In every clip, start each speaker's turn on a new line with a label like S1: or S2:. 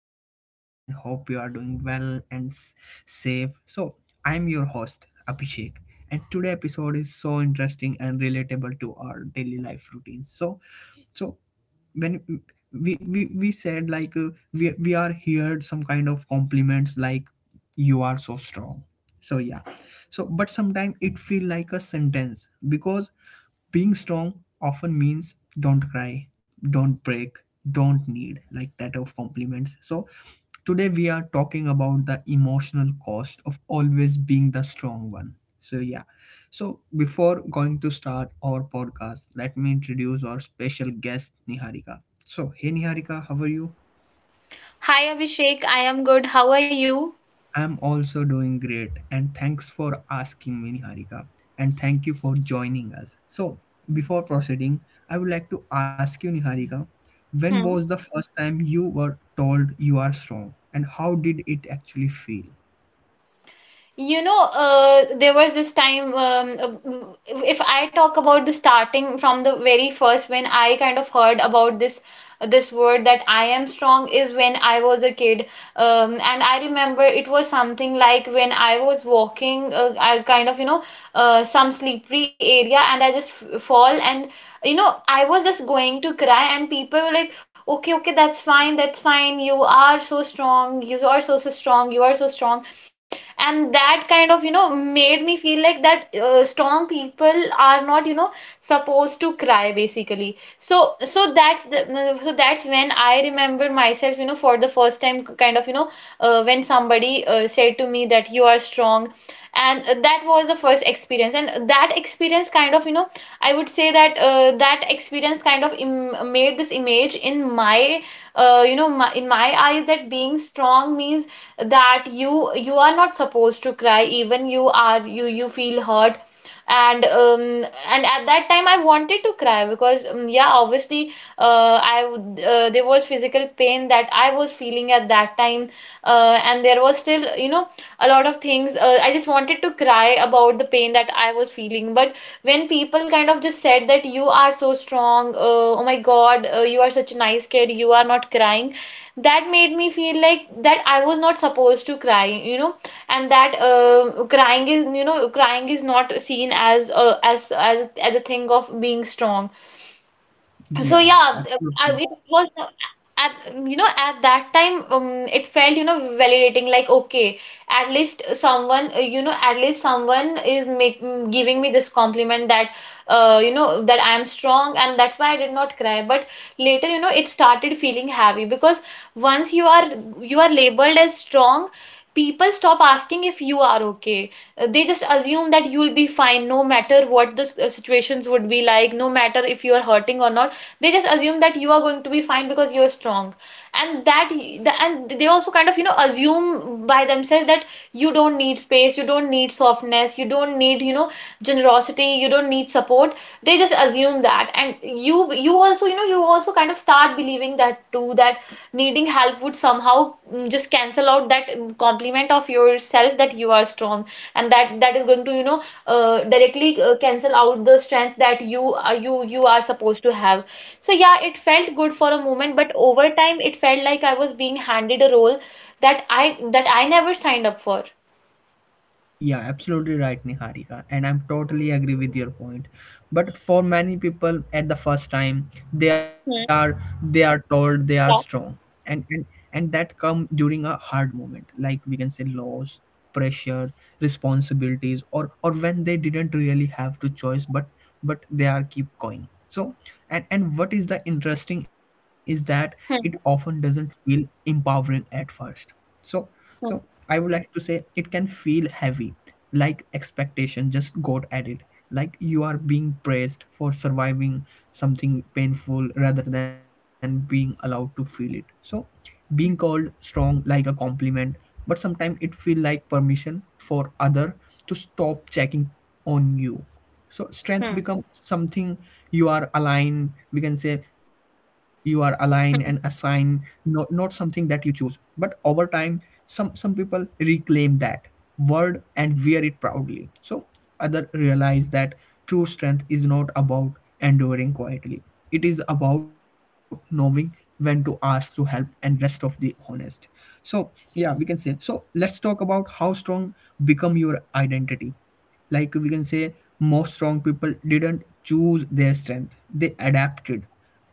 S1: joining us and hope you are doing well and safe. So, I'm your host Abhishek, and today episode is so interesting and relatable to our daily life routines. So when we said like we are heard some kind of compliments like you are so strong. So yeah. So but sometimes it feel like a sentence because being strong often means don't cry, don't break, don't need like that of compliments, so today we are talking about the emotional cost of always being the strong one. So yeah. So before going to start our podcast, let me introduce our special guest Niharika. So hey Niharika, how are you?
S2: Hi Abhishek, I am good. How are you?
S1: I'm also doing great, and thanks for asking me, Niharika. And thank you for joining us. So, before proceeding, I would like to ask you, Niharika, when
S2: Hmm.
S1: was the first time you were told you are strong, and how did it actually feel?
S2: You know, there was this time, uh, if I talk about the starting from the very first, when I kind of heard about this word that I am strong is when I was a kid. And I remember it was something like when I was walking, I kind of, you know, some slippery area and I just f fall and, you know, I was just going to cry and people were like, okay, okay, that's fine, that's fine. You are so strong. You are so, so strong. You are so strong, and that kind of, you know, made me feel like that strong people are not, you know, supposed to cry basically. So that's the, so that's when I remembered myself, you know, for the first time, kind of, you know, when somebody said to me that you are strong, and that was the first experience, and that experience kind of, you know, I would say that that experience kind of made this image in my, you know, in my eyes that being strong means that you are not supposed to cry, even you are, you feel hurt. and um, and at that time I wanted to cry because, yeah, obviously, there was physical pain that I was feeling at that time, and there was still, you know, a lot of things I just wanted to cry about the pain that I was feeling, but when people kind of just said that you are so strong, oh my God, you are such a nice kid, you are not crying. That made me feel like that I was not supposed to cry, you know, and that crying is, you know, crying is not seen as a, as a thing of being strong. So
S1: Yeah,
S2: yeah,
S1: absolutely.
S2: it was, at, you know, at that time, it felt, you know, validating, like, okay, at least someone, you know, at least someone is giving me this compliment that, you know, that I am strong and that's why I did not cry. But later, you know, it started feeling heavy because once you are, you are labeled as strong, people stop asking if you are okay. They just assume that you'll be fine no matter what the situations would be like, no matter if you are hurting or not. They just assume that you are going to be fine because you're strong. And and they also kind of, you know, assume by themselves that you don't need space, you don't need softness, you don't need, you know, generosity, you don't need support. They just assume that. And you also, you know, you also kind of start believing that too, that needing help would somehow, just cancel out that, compliment of yourself that you are strong and that that is going to, you know, directly cancel out the strength that you, you, you are supposed to have. So yeah, it felt good for a moment, but over time it felt like I was being handed a role that I never signed up for.
S1: Yeah, absolutely right, Niharika. And I'm totally agree with your point. But for many people at the first time, they
S2: Hmm.
S1: are they are told they are
S2: Yeah.
S1: strong. And and, and that come during a hard moment, like we can say loss, pressure, responsibilities, or when they didn't really have to choice, but they are keep going. So and what is the interesting is that
S2: Hmm.
S1: it often doesn't feel empowering at first. So
S2: Hmm.
S1: so I would like to say it can feel heavy, like expectation just got added, like you are being praised for surviving something painful rather than being allowed to feel it. So being called strong like a compliment, but sometimes it feel like permission for other to stop checking on you. So strength
S2: Hmm.
S1: becomes something you are aligned, we can say you are aligned and assigned,
S2: Hmm.
S1: not something that you choose. But over time some people reclaim that word and wear it proudly. So other realize that true strength is not about enduring quietly. It is about knowing when to ask to help and rest of the honest. So yeah, we can say, so let's talk about how strong become your identity. Like we can say, most strong people didn't choose their strength. They adapted.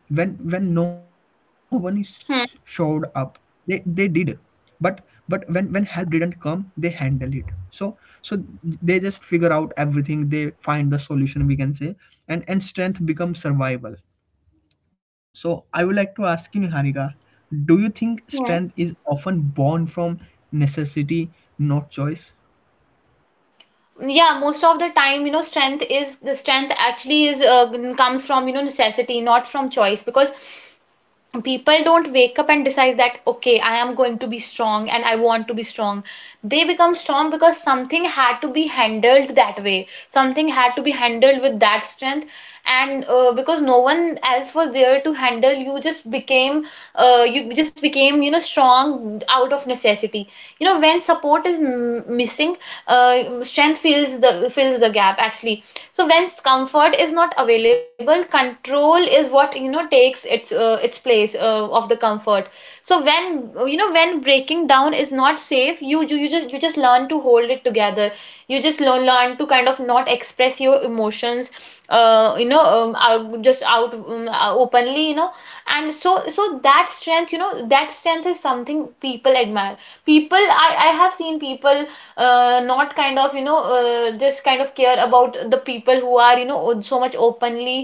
S1: When no one is showed up, they did. But when help didn't come, they handle it. So so they just figure out everything, they find the solution, we can say. And strength becomes survival. So I would like to ask you, Niharika, do you think
S2: Hmm.
S1: strength is often born from necessity, not choice?
S2: Yeah, most of the time, you know, strength is, the strength actually is, comes from, you know, necessity, not from choice, because people don't wake up and decide that, okay, I am going to be strong and I want to be strong. They become strong because something had to be handled that way, something had to be handled with that strength. And because no one else was there to handle, you just became, you just became, you know, strong out of necessity. You know, when support is missing, strength fills the, fills the gap actually. So when comfort is not available, control is what, you know, takes its, its place of the comfort. So when, you know, when breaking down is not safe, you just, you just learn to hold it together. You just learn to kind of not express your emotions, you know, just out openly, you know. And so that strength, you know, that strength is something people admire. People, I have seen people, not kind of, you know, just kind of care about the people who are, you know, so much openly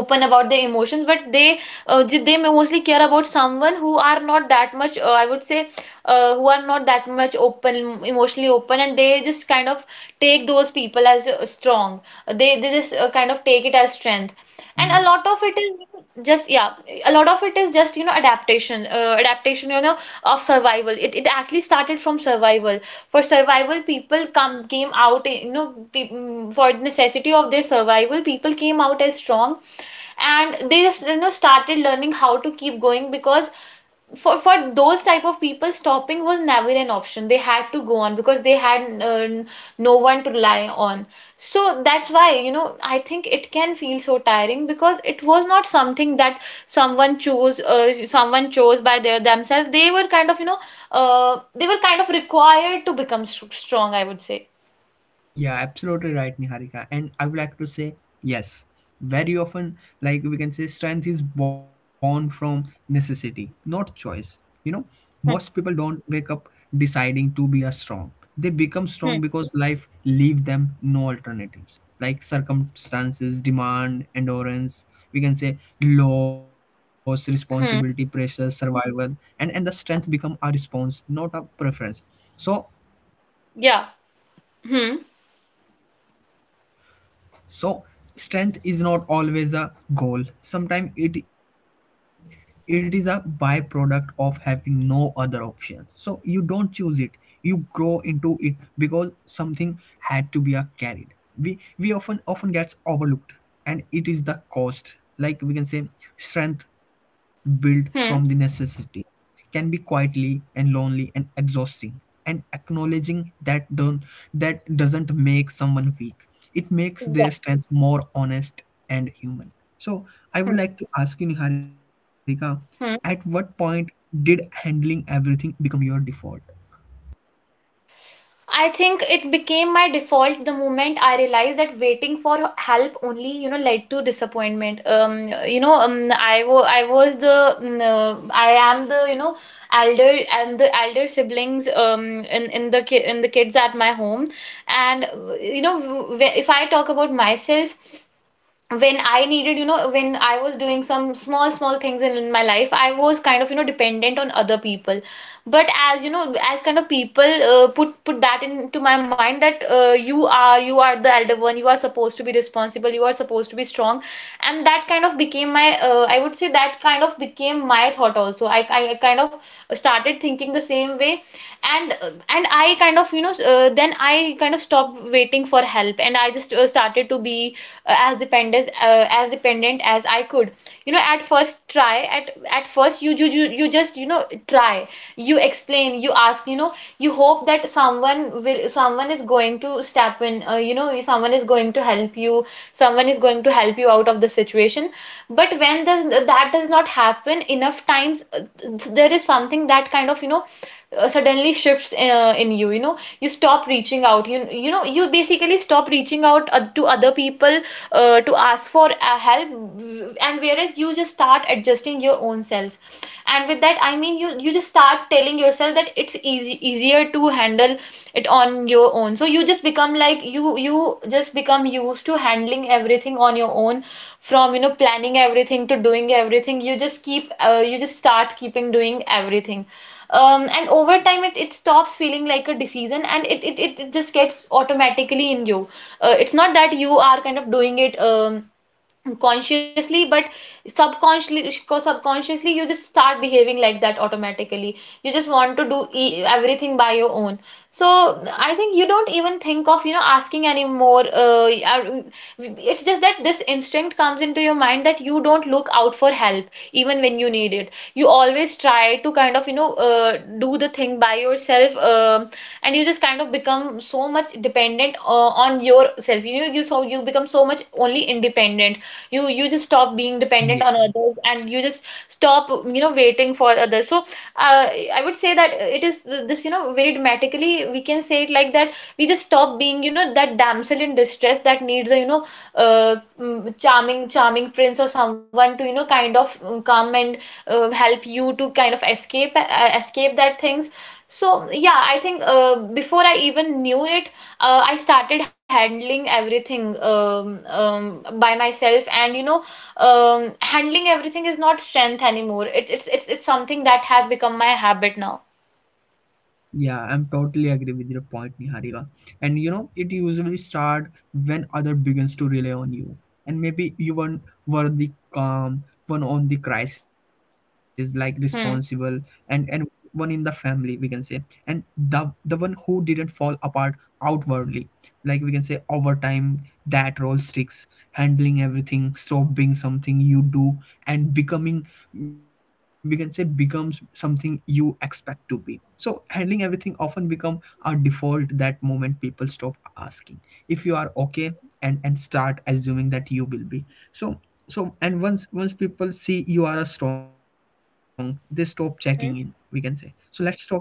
S2: open about their emotions, but they, they may mostly care about someone who are not that much, I would say, who are not that much open, emotionally open, and they just kind of take those people as, strong. They just kind of take it as strength, and a
S1: Yeah.
S2: lot of it is just, yeah, a lot of it is just, you know, adaptation, adaptation, you know, of survival. It actually started from survival. For survival, people come came out, you know, for necessity of their survival, people came out as strong, and they just, you know, started learning how to keep going because for those type of people, stopping was never an option. They had to go on because they had, no one to rely on. So that's why, you know, I think it can feel so tiring because it was not something that someone chose, someone chose by their themselves. They were kind of, you know, they were kind of required to become strong, I would say.
S1: Yeah, absolutely right, Niharika. And I would like to say, yes, very often, like we can say, strength is born from necessity, not choice. You know, most people
S2: Hmm,
S1: don't wake up deciding to be a strong. They become strong
S2: hmm,
S1: because life leave them no alternatives. Like circumstances, demand, endurance, we can say loss, responsibility, pressure,
S2: hmm
S1: survival, and the strength become a response, not a preference. So.
S2: yeah. hmm
S1: So strength is not always a goal. Sometimes it is a byproduct of having no other option. So you don't choose it. You grow into it because something had to be a carried. We often gets overlooked, and it is the cost. Like we can say strength built
S2: hmm
S1: from the necessity can be quietly and lonely and exhausting, and acknowledging that doesn't make someone weak. It makes
S2: yeah.
S1: their strength more honest and human. So
S2: hmm
S1: I would like to ask you, Niharika, at
S2: Hmm.
S1: what point did handling everything become your default?
S2: I think it became my default the moment I realized that waiting for help only, you know, led to disappointment. You know, I was the, I am the, you know, elder, I'm the elder siblings, in the ki in the kids at my home, and you know, if I talk about myself, when I needed, you know, when I was doing some small, small things in my life, I was kind of, you know, dependent on other people. But as you know, as kind of people put put that into my mind that, you are, you are the elder one, you are supposed to be responsible, you are supposed to be strong, and that kind of became my, I would say that kind of became my thought also. I kind of started thinking the same way, and I kind of, you know, then I kind of stopped waiting for help, and I just started to be, as dependent as I could. You know, at first you you you you just, you know, try. You explain, you ask, you know, you hope that someone is going to step in, you know, someone is going to help you, someone is going to help you out of the situation. But when that does not happen enough times, there is something that kind of, you know, suddenly shifts in you. You know, you stop reaching out. You know, you basically stop reaching out to other people to ask for help, and whereas you just start adjusting your own self, and with that I mean you just start telling yourself that it's easy easier to handle it on your own. So you just become like, you just become used to handling everything on your own, from, you know, planning everything to doing everything. You just keep you just start keeping doing everything. And over time, it stops feeling like a decision, and it just gets automatically in you. It's not that you are kind of doing it, consciously, but subconsciously, you just start behaving like that automatically. You just want to do everything by your own. So I think you don't even think of, you know, asking anymore. It's just that this instinct comes into your mind that you don't look out for help. Even when you need it, you always try to kind of, you know, do the thing by yourself. And you just kind of become so much dependent, on yourself. You know, you, so you become so much only independent. You just stop being dependent on others, and you just stop, you know, waiting for others. So, I would say that it is, this, you know, very dramatically, we can say it like that, we just stop being, you know, that damsel in distress that needs a, you know, charming charming prince or someone to come and help you to kind of escape escape that things. So yeah, I think before I even knew it, I started handling everything by myself, handling everything is not strength anymore. It, it's something that has become my habit now.
S1: Yeah, I'm totally agree with your point, Niharika. And you know, it usually start when other begins to rely on you, and maybe you one were the calm one on the crisis, like responsible, and
S2: Hmm.
S1: and one in the family, we can say, and the one who didn't fall apart outwardly. Like we can say, over time that role sticks, handling everything, stop being something you do, and becoming, we can say, becomes something you expect to be. So handling everything often become a default. That moment people stop asking if you are okay, and start assuming that you will be. So so and once people see you are a strong, they stop checking in, we can say.
S2: Hmm?
S1: So let's talk about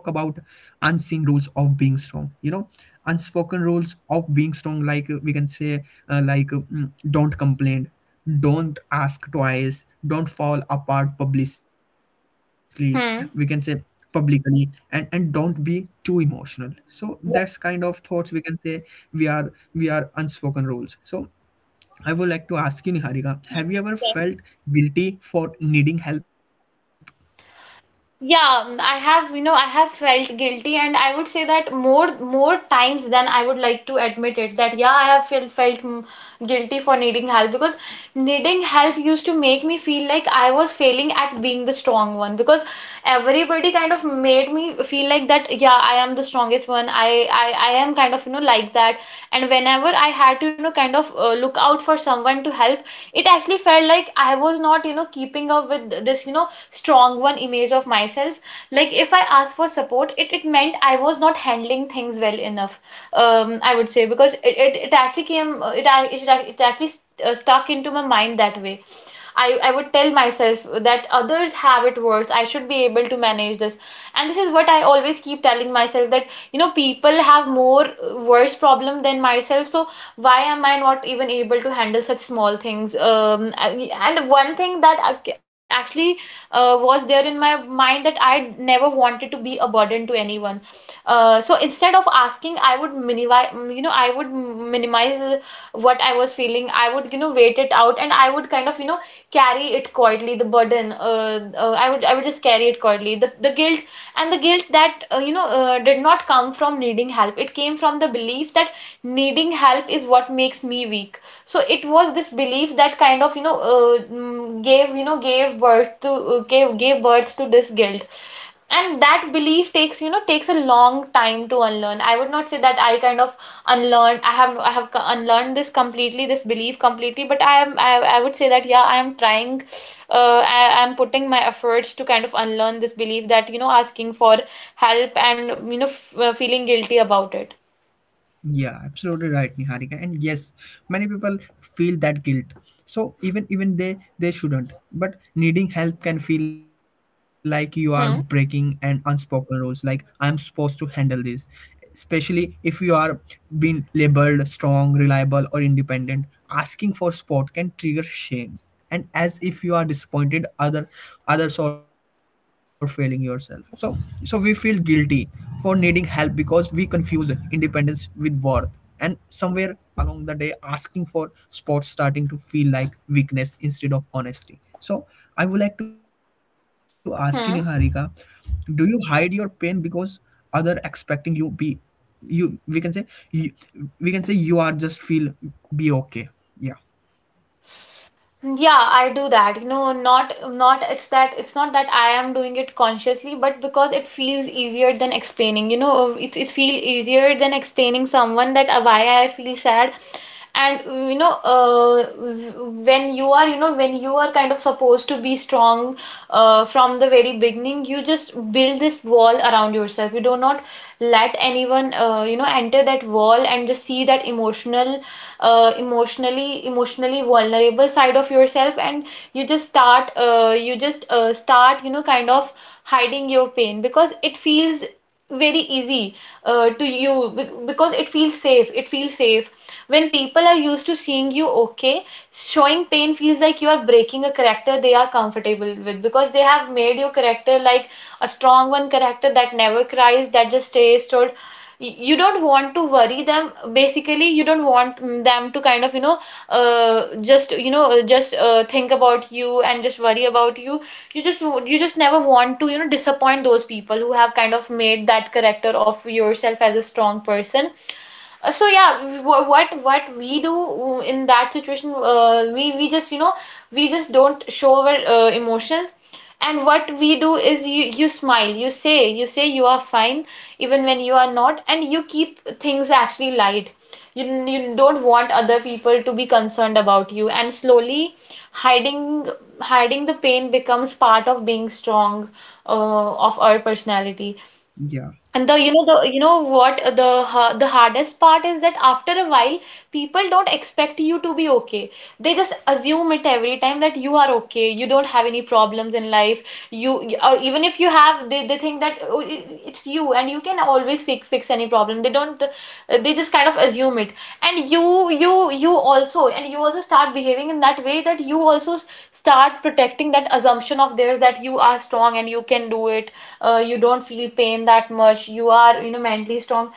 S1: unseen rules of being strong, you know, unspoken rules of being strong, like we can say, like don't complain, don't ask twice, don't fall apart publicly, we can say,
S2: Hmm.
S1: publicly, and don't be too emotional. So that's kind of
S2: Yeah.
S1: thoughts, we can say. We are unspoken rules. So I would like to ask you, Niharika, have you ever felt guilty for needing help?
S2: Yeah, I have, you know, I have felt guilty, and I would say that more times than I would like to admit it. That yeah, I have felt guilty for needing help, because needing help used to make me feel like I was failing at being the strong one, because everybody kind of made me feel like that. Yeah, I am the strongest one. I am kind of, you know, like that. And whenever I had to, you know, kind of look out for someone to help, it actually felt like I was not, you know, keeping up with this, you know, strong one image of myself. Like if I asked for support, it meant I was not handling things well enough. I would say because it actually came, it actually stuck into my mind that way. I would tell myself that others have it worse. I should be able to manage this. And this is what I always keep telling myself, that, you know, people have more worse problem than myself. So why am I not even able to handle such small things? And one thing that actually was there in my mind, that I never wanted to be a burden to anyone. So instead of asking, I would minimize, you know, I would minimize what I was feeling. I would, you know, wait it out, and I would kind of, you know, carry it quietly, the burden. I would just carry it quietly. The guilt, and the guilt that, did not come from needing help. It came from the belief that needing help is what makes me weak. So it was this belief that kind of, you know, gave, you know, gave birth to, gave birth to this guilt. And that belief takes, you know, takes a long time to unlearn. I would not say that I kind of unlearned. I have unlearned this completely, this belief completely, but I would say that yeah, I am trying, uh, I am putting my efforts to kind of unlearn this belief, that you know, asking for help and you know, feeling guilty about it.
S1: Yeah, absolutely right, Niharika. And yes, many people feel that guilt. So even they shouldn't. But needing help can feel like you are breaking an
S2: Hmm.
S1: unspoken rules. Like I am supposed to handle this. Especially if you are being labeled strong, reliable, or independent. Asking for support can trigger shame, and as if you are disappointed others or failing yourself. So we feel guilty for needing help because we confuse independence with worth, and somewhere along the day asking for support starting to feel like weakness instead of honesty. So I would like to ask you, Niharika, do
S2: Hmm.
S1: you hide your pain because other expecting you be you, we can say, you, we can say you are just feel be okay? Yeah.
S2: Yeah, I do that. You know, not not it's that it's not that I am doing it consciously, but because it feels easier than explaining. You know, it it feels easier than explaining someone that why I feel sad. And you know, when you are, you know, when you are kind of supposed to be strong, from the very beginning you just build this wall around yourself. You do not let anyone you know, enter that wall and just see that emotionally vulnerable side of yourself. And you just start, you know, kind of hiding your pain because it feels very easy, because it feels safe. It feels safe. When people are used to seeing you okay, showing pain feels like you are breaking a character they are comfortable with, because they have made your character like a strong one character that never cries, that just stays stood. You don't want to worry them basically. You don't want them to kind of, you know, just you know just think about you and just worry about you. You you just never want to, you know, disappoint those people who have kind of made that character of yourself as a strong person. So yeah, what we do in that situation, we just, you know, we just don't show our emotions. And what we do is you, you smile, you say you are fine even when you are not, and you keep things actually light. You don't want other people to be concerned about you, and slowly hiding hiding the pain becomes part of being strong, of our personality.
S1: Yeah,
S2: And the you know what the ha- the hardest part is that after a while, people don't expect you to be okay. They just assume it every time, that you are okay, you don't have any problems in life. You, or even if you have, they think that, oh, it's you and you can always fix any problem. They don't. They just kind of assume it, and you also start behaving in that way, that you also start protecting that assumption of theirs, that you are strong and you can do it. You don't feel pain that much, you are, you know, mentally strong,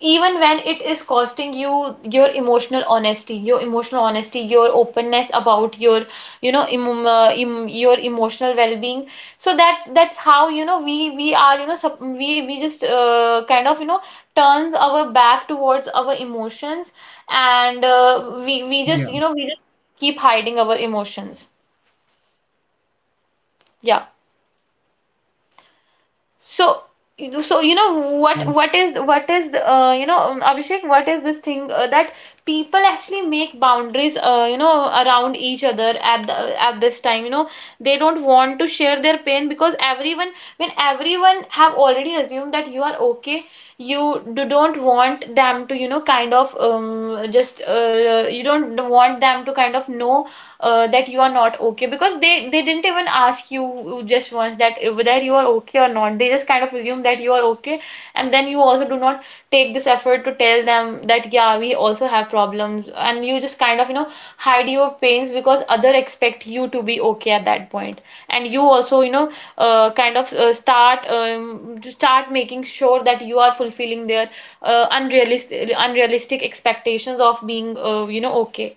S2: even when it is costing you your emotional honesty, your emotional honesty, your openness about your, you know, your emotional well-being. So that that's how, you know, we are, you know, we just kind of, you know, turns our back towards our emotions. And we just,
S1: yeah
S2: you know, we just keep hiding our emotions. Yeah. So, so you know,
S1: was
S2: what is the, you know Abhishek, what is this thing that people actually make boundaries you know, around each other at the, at this time, you know, they don't want to share their pain. Because everyone, when everyone have already assumed that you are okay, you don't want them to, you know, kind of just you don't want them to kind of know that you are not okay, because they didn't even ask you just once that whether you are okay or not. They just kind of assume that you are okay. And then you also do not take this effort to tell them that yeah, we also have problems, and you just kind of, you know, hide your pains because other expect you to be okay at that point. And you also, you know, start to start making sure that you are fulfilling their unrealistic expectations of being, you know, okay.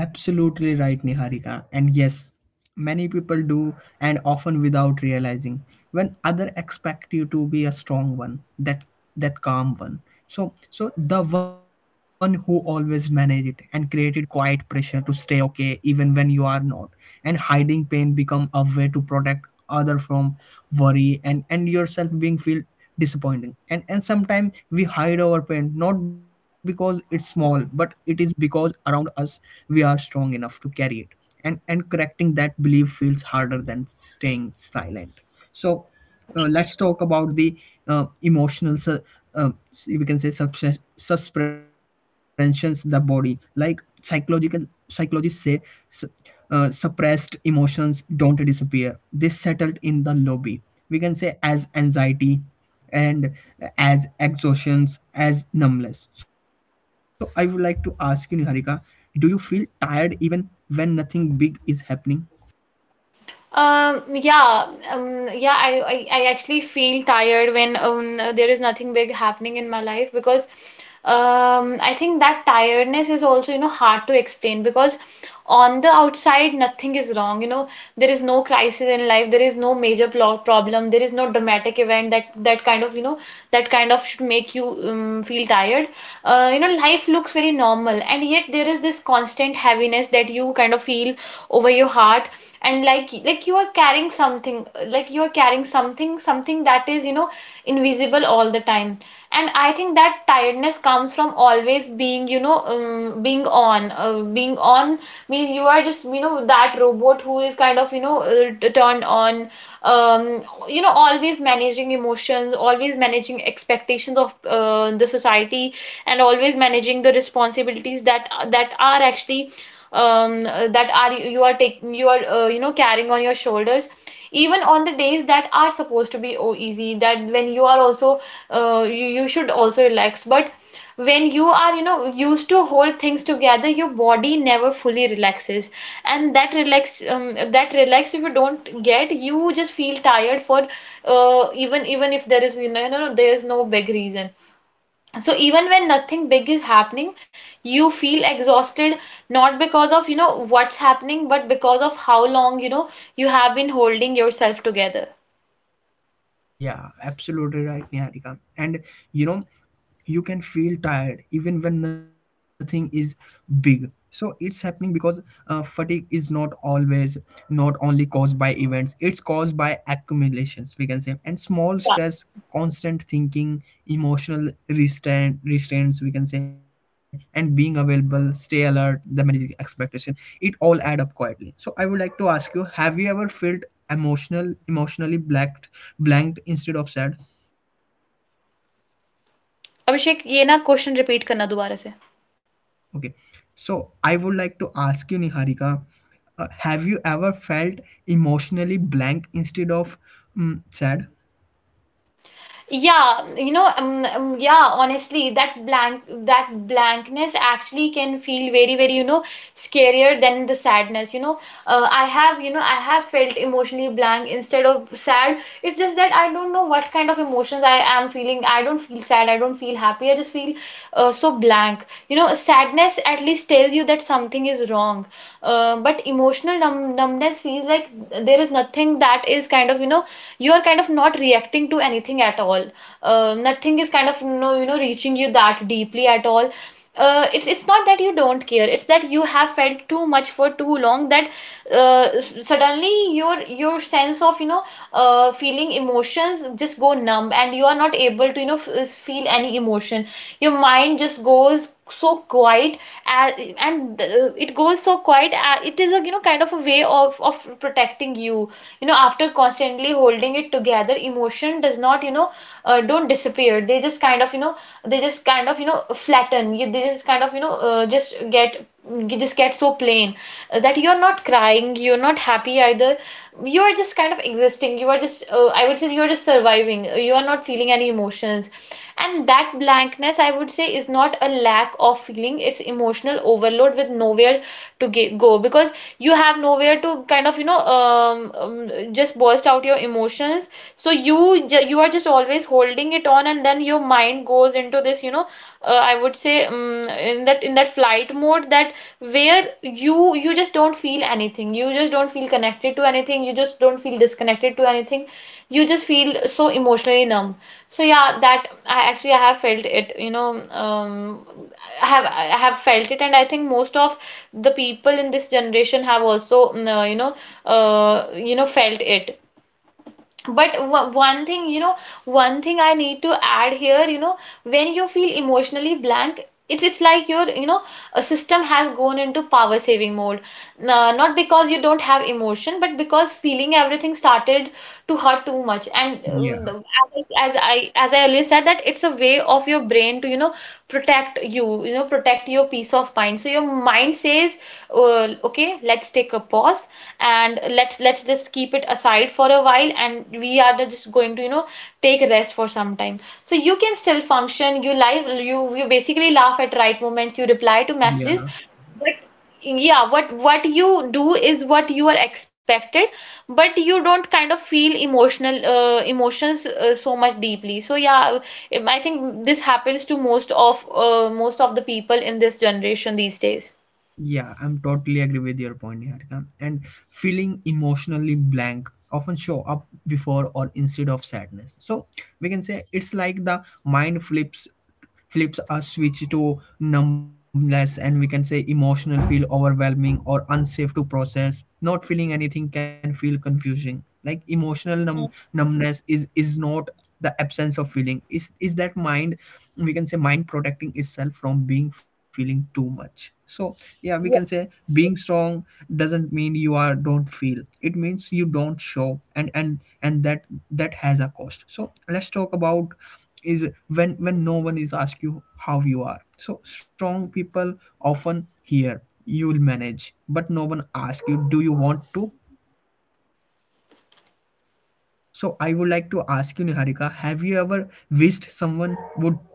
S1: absolutely right, Niharika. And yes, many people do, and often without realizing, when other expect you to be a strong one, that calm one. So, so the one who always manage it and created quiet pressure to stay okay even when you are not, and hiding pain become a way to protect other from worry, and yourself being feel disappointing, and sometimes we hide our pain not because it's small, but it is because around us we are strong enough to carry it. And correcting that belief feels harder than staying silent. So, let's talk about the uh, emotional su- um, we can say suspensions the body, like psychological psychologists say, su- suppressed emotions don't disappear, they settled in the lobby, we can say, as anxiety and as exhaustions, as numbness. So I would like to ask you, Niharika, do you feel tired even when nothing big is happening?
S2: Um, yeah, yeah, I actually feel tired when there is nothing big happening in my life, because I think that tiredness is also, you know, hard to explain, because on the outside, nothing is wrong. You know, there is no crisis in life, there is no major plo problem, there is no dramatic event that, that kind of, you know, that kind of should make you feel tired. You know, life looks very normal, and yet there is this constant heaviness that you kind of feel over your heart. And like you are carrying something, like you are carrying something, something that is, you know, invisible all the time. And I think that tiredness comes from always being, you know, being on, means you are just, you know, that robot who is kind of, you know, turned on. um, you know, always managing emotions, always managing expectations of the society, and always managing the responsibilities that, that are actually, that are, you are taking, you are, you know, carrying on your shoulders. Even on the days that are supposed to be oh, easy, that when you are also, uh, you, you should also relax. But when you are, you know, used to hold things together, your body never fully relaxes. And that relax, that relax, if you don't get, you just feel tired for, even even if there is, you know, you know, there is no big reason. So even when nothing big is happening, you feel exhausted, not because of, you know, what's happening, but because of how long, you know, you have been holding yourself together.
S1: Yeah, absolutely right, Niharika. And you know, you can feel tired even when nothing is big, so it's happening because fatigue is not always not only caused by events. It's caused by accumulations, we can say, and small
S2: Yeah.
S1: stress, constant thinking, emotional restraints, we can say, and being available, stay alert, the managing expectation. It all add up quietly. So I would like to ask you, have you ever felt emotionally blanked instead of sad?
S2: Abhishek ye na question repeat karna dobara se.
S1: Okay, so I would like to ask you, Niharika, have you ever felt emotionally blank instead of sad?
S2: Yeah, you know, yeah, honestly, that blank, that blankness actually can feel very, very, you know, scarier than the sadness. You know, I have, you know, I have felt emotionally blank instead of sad. It's just that I don't know what kind of emotions I am feeling. I don't feel sad, I don't feel happy, I just feel so blank. You know, sadness at least tells you that something is wrong. But emotional numbness feels like there is nothing that is you are kind of not reacting to anything at all. Nothing is kind of no you know reaching you that deeply at all. It's not that you don't care, it's that you have felt too much for too long that uh, suddenly your sense of feeling emotions just go numb, and you are not able to feel any emotion. Your mind just goes so quiet uh, and it goes so quiet. It is a kind of a way of protecting you. You know, after constantly holding it together, emotion does not don't disappear, they just kind of you know they just kind of you know flatten you. They just kind of just get, you just get so plain, that you're not crying, you're not happy either. You are just kind of existing. You are just, I would say, you are just surviving. You are not feeling any emotions. And that blankness, I would say, is not a lack of feeling. It's emotional overload with nowhere to go, because you have nowhere to kind of just burst out your emotions. So you are just always holding it on, and then your mind goes into this, I would say, in that flight mode that where you just don't feel anything, you just don't feel connected to anything, you just don't feel disconnected to anything. You just feel so emotionally numb. So yeah, that I have felt it. You know um i have I have felt it, and I think most of the people in this generation have also felt it. But one thing, one thing I need to add here: when you feel emotionally blank, it's like your, a system has gone into power saving mode. Nah, not because you don't have emotion, but because feeling everything started to hurt too much. And
S1: Yeah,
S2: the- as I earlier said, that it's a way of your brain to, you know, protect you, you know, protect your peace of mind. So your mind says, okay, let's take a pause and let's just keep it aside for a while, and we are just going to, you know, take rest for some time. So you can still function, you live, you basically laugh at right moments, you reply to messages.
S1: yeah.
S2: Yeah, what you do is what you are expected. But you don't kind of feel emotional emotions so much deeply. So yeah, I think this happens to most of most of the people in this generation these days.
S1: Yeah, I'm totally agree with your point, Niharika. And feeling emotionally blank often show up before or instead of sadness. So we can say it's like the mind flips a switch to numbness, and we can say emotional feel overwhelming or unsafe to process. Not feeling anything can feel confusing, like emotional numbness is not the absence of feeling. Is that mind, we can say, mind protecting itself from being feeling too much. So yeah, we
S2: Yeah.
S1: can say being strong doesn't mean you are don't feel. It means you don't show, and that has a cost. So let's talk about is when no one is ask you how you are. So strong people often hear you'll manage, but no one ask you do you want to. So I would like to ask you, Niharika, have you ever wished someone would.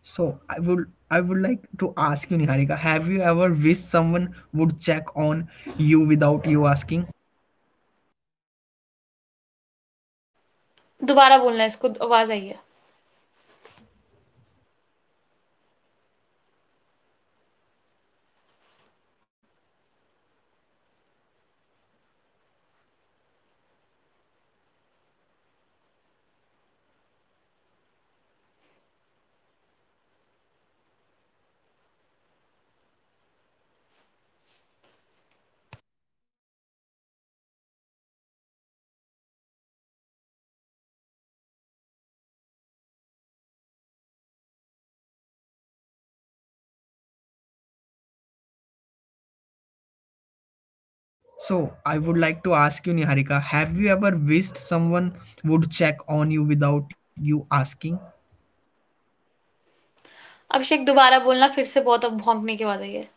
S1: So I would like to ask you, Niharika, have you ever wished someone would check on you without you asking?
S2: दोबारा बोलना है इसको आवाज आई है
S1: So I would like to ask you, Niharika, have you ever wished someone would check on you without you asking?
S2: अभिषेक दोबारा बोलना फिर से बहुत अब भौंकने की आवाज़ आई है।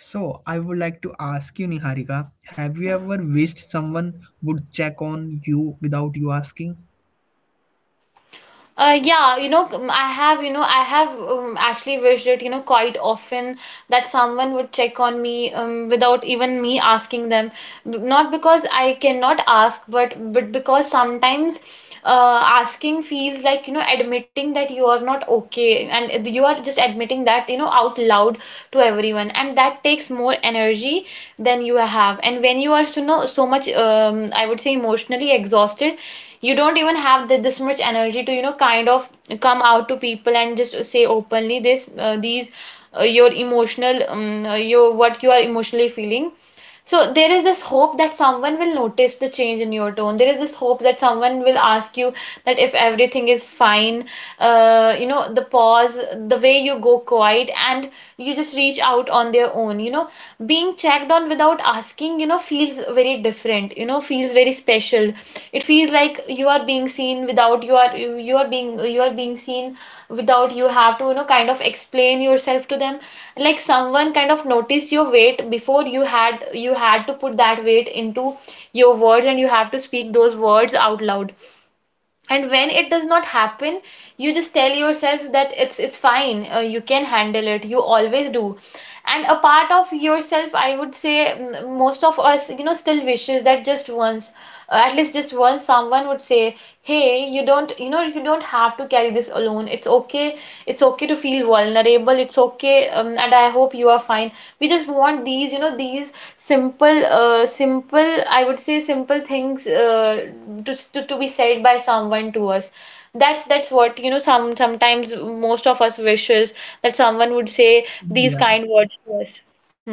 S1: So I would like to ask you, Niharika, have you ever wished someone would check on you without you asking?
S2: Yeah, you know, I have, I have actually wished it, you know, quite often, that someone would check on me without even me asking them. Not because I cannot ask, but because sometimes asking feels like, you know, admitting that you are not okay, and you are just admitting that, you know, out loud to everyone, and that takes more energy than you have. And when you are, so, you know, so much, I would say, emotionally exhausted, you don't even have the, this much energy to, you know, kind of come out to people and just say openly this these your emotional your what you are emotionally feeling. So there is this hope that someone will notice the change in your tone, there is this hope that someone will ask you that if everything is fine, you know, the pause, the way you go quiet, and you just reach out on their own, you know. Being checked on without asking, you know, feels very different, you know, feels very special. It feels like you are being seen without you are you are being, you are being seen without you have to, you know, kind of explain yourself to them. Like someone kind of noticed your weight before you had to put that weight into your words, and you have to speak those words out loud. And when it does not happen, you just tell yourself that it's fine, you can handle it, you always do. And a part of yourself, I would say, most of us, you know, still wishes that just once, at least just once, someone would say, hey, you don't, you know, you don't have to carry this alone, it's okay, it's okay to feel vulnerable, it's okay, and I hope you are fine. We just want these, you know, these simple, simple, I would say, simple things, to be said by someone to us. That's what, you know, some sometimes most of us wishes that someone would say these
S1: Yeah.
S2: kind words to us. Hmm.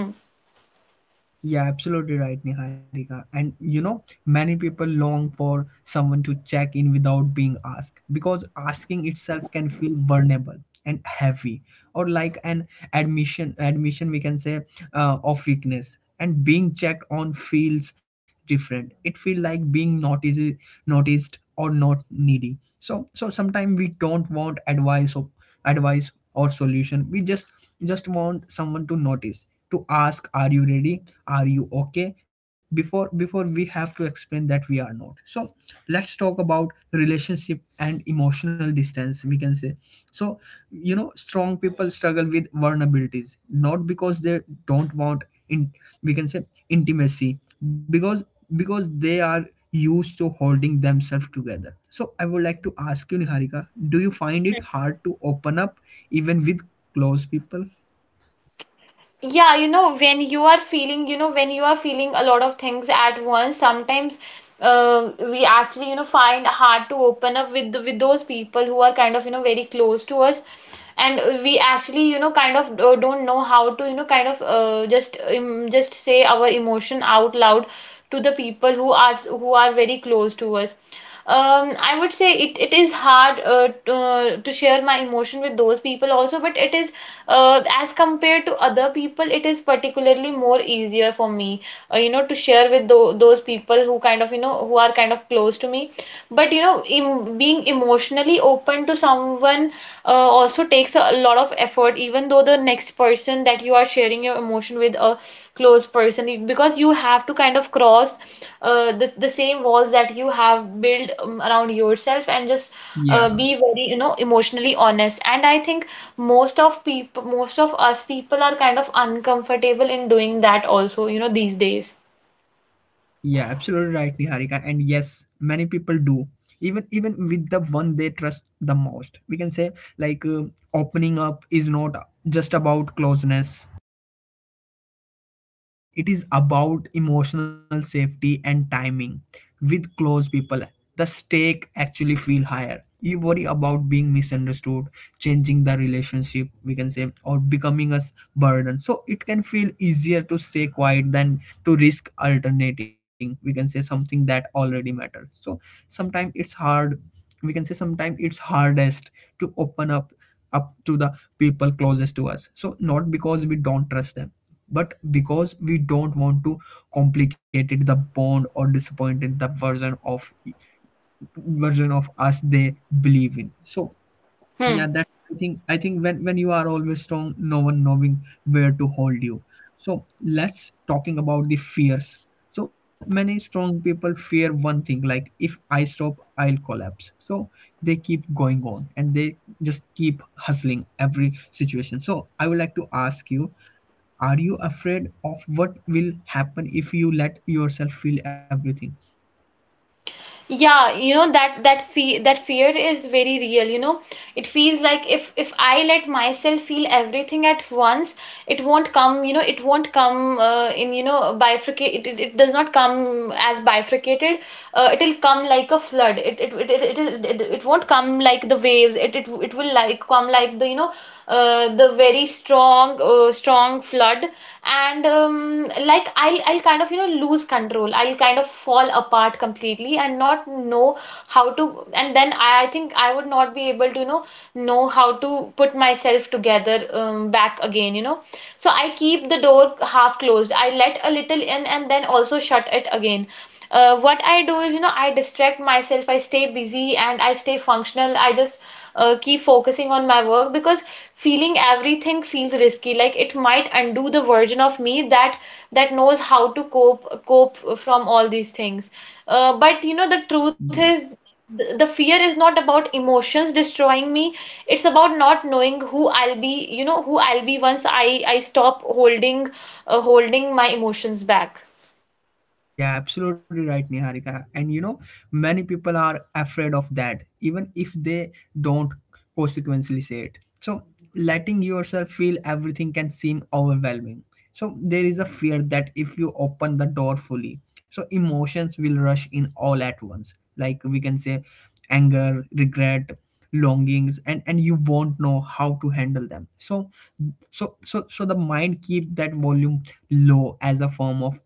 S1: Yeah, absolutely right, Niharika. And you know, many people long for someone to check in without being asked because asking itself can feel vulnerable and heavy, or like an admission, we can say, of weakness. And being checked on feels different. It feels like being noticed or not needy. So sometimes we don't want advice of advice or solution we just want someone to notice, to ask are you ready, are you okay before we have to explain that we are not. So let's talk about relationship and emotional distance, we can say. So you know, strong people struggle with vulnerabilities not because they don't want in, we can say, intimacy, because because they are used to holding themselves together. So I would like to ask you, Niharika, do you find it hard to open up even with close people?
S2: Yeah, you know, when you are feeling, you know, when you are feeling a lot of things at once, sometimes we actually, you know, find hard to open up with those people who are kind of, you know, very close to us. And we actually, you know, kind of don't know how to, you know, kind of just say our emotion out loud to the people who are very close to us. I would say it, it is hard to share my emotion with those people also, but it is, as compared to other people, it is particularly more easier for me, you know, to share with those people who kind of, you know, who are kind of close to me. But you know, being emotionally open to someone also takes a lot of effort, even though the next person that you are sharing your emotion with, a close person, because you have to kind of cross the same walls that you have built around yourself, and just be
S1: yeah
S2: very, you know, emotionally honest. And I think most of people, most of us people, are kind of uncomfortable in doing that also, you know, these days.
S1: yeah absolutely right, Niharika, and yes, many people do, even with the one they trust the most, we can say. Like, opening up is not just about closeness. It is about emotional safety and timing with close people. The stake actually feel higher. You worry about being misunderstood, changing the relationship, we can say, or becoming a burden. So it can feel easier to stay quiet than to risk alternating, we can say, something that already matters. So sometimes it's hard. We can say sometimes it's hardest to open up up to the people closest to us. So not because we don't trust them but because we don't want to complicate it the bond or disappointed the version of us they believe in. So
S2: Hmm.
S1: yeah, that I think, I think when you are always strong, no one knowing where to hold you. So let's talking about the fears. So many strong people fear one thing, like if I stop I'll collapse. So they keep going on and they just keep hustling every situation. So I would like to ask you, are you afraid of what will happen if you let yourself feel everything?
S2: Yeah, you know, that fear is very real, you know. It feels like if I let myself feel everything at once, it won't come, you know, it won't come, in, you know, bifurcate, it does not come as bifurcated, it'll come like a flood. It won't come like the waves, it will like come like the, you know, the very strong, strong flood. And like I'll kind of, you know, lose control, I'll kind of fall apart completely and not know how to. And then I think I would not be able to, you know how to put myself together back again. You know, so I keep the door half closed. I let a little in, and then also shut it again. What I do is, you know, I distract myself, I stay busy, and I stay functional. I just keep focusing on my work, because feeling everything feels risky, like it might undo the version of me that knows how to cope from all these things. But you know, the truth is,
S1: Yeah.
S2: the fear is not about emotions destroying me, it's about not knowing who I'll be, you know, who I'll be once I stop holding holding my emotions back.
S1: Yeah, absolutely right, Niharika. And you know, many people are afraid of that, even if they don't consequently say it. So letting yourself feel everything can seem overwhelming. So there is a fear that if you open the door fully, so emotions will rush in all at once. Like we can say anger, regret, longings, and you won't know how to handle them. So, so the mind keep that volume low as a form of,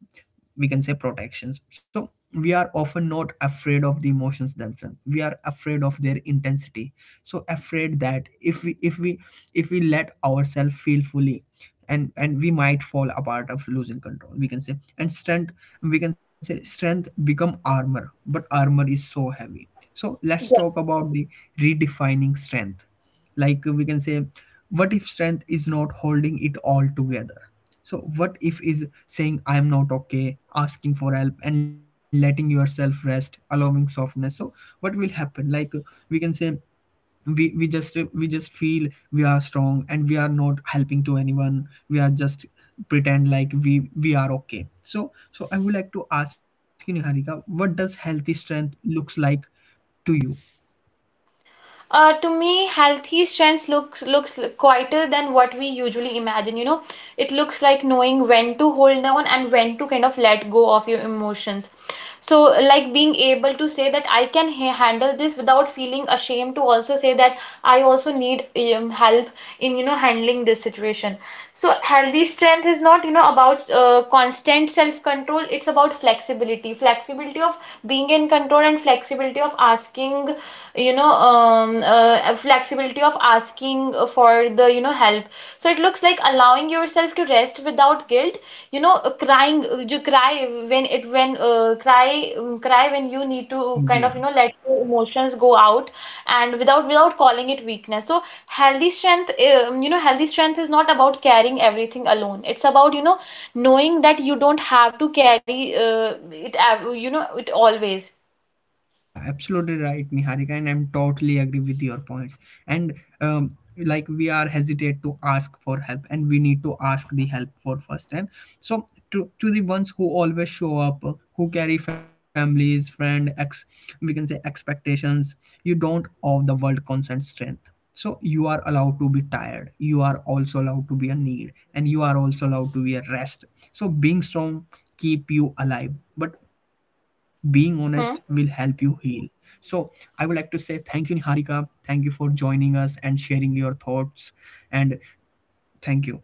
S1: we can say, protections. So we are often not afraid of the emotions themselves, we are afraid of their intensity. So afraid that if we if we let ourselves feel fully, and we might fall apart of losing control, we can say, and strength, we can say, strength become armor, but armor is so heavy. So let's talk about the redefining strength. Like we can say, what if strength is not holding it all together? So what if is saying I am not okay, asking for help and letting yourself rest, allowing softness. So what will happen? Like we can say, we just feel we are strong and we are not helping to anyone, we are just pretend like we are okay. So I would like to ask you, Niharika, what does healthy strength looks like to you?
S2: To me, healthy strengths looks quieter than what we usually imagine, you know. It looks like knowing when to hold on and when to kind of let go of your emotions. So, like being able to say that I can handle this without feeling ashamed to also say that I also need help in, you know, handling this situation. So healthy strength is not, you know, about constant self control, it's about flexibility, flexibility of being in control, and flexibility of asking, you know, flexibility of asking, for the, you know, help. So it looks like allowing yourself to rest without guilt, you know, crying you cry when it when cry cry when you need to kind of, you
S1: Yeah.
S2: know, let your emotions go out, and without calling it weakness. So healthy strength, you know, healthy strength is not about carrying everything alone, it's about, you know, knowing that you don't have to carry it, you know, it always.
S1: Yeah, absolutely right, Niharika, and I'm totally agree with your points. And like we are hesitate to ask for help, and we need to ask the help for first. And so to the ones who always show up, who carry families, friend, ex, we can say, expectations. You don't owe the world constant strength. So you are allowed to be tired. You are also allowed to be a need, and you are also allowed to be a rest. So being strong keep you alive, but being honest will help
S2: Hmm.
S1: you heal. So I would like to say thank you, Niharika. Thank you for joining us and sharing your thoughts. And thank you.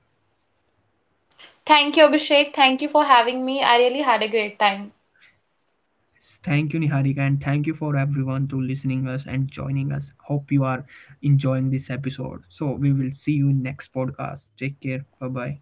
S2: Thank you, Abhishek. Thank you for having me. I really had a great time.
S1: Thank you, Niharika, and thank you for everyone to listening us and joining us. Hope you are enjoying this episode. So we will see you in next podcast. Take care. Bye bye.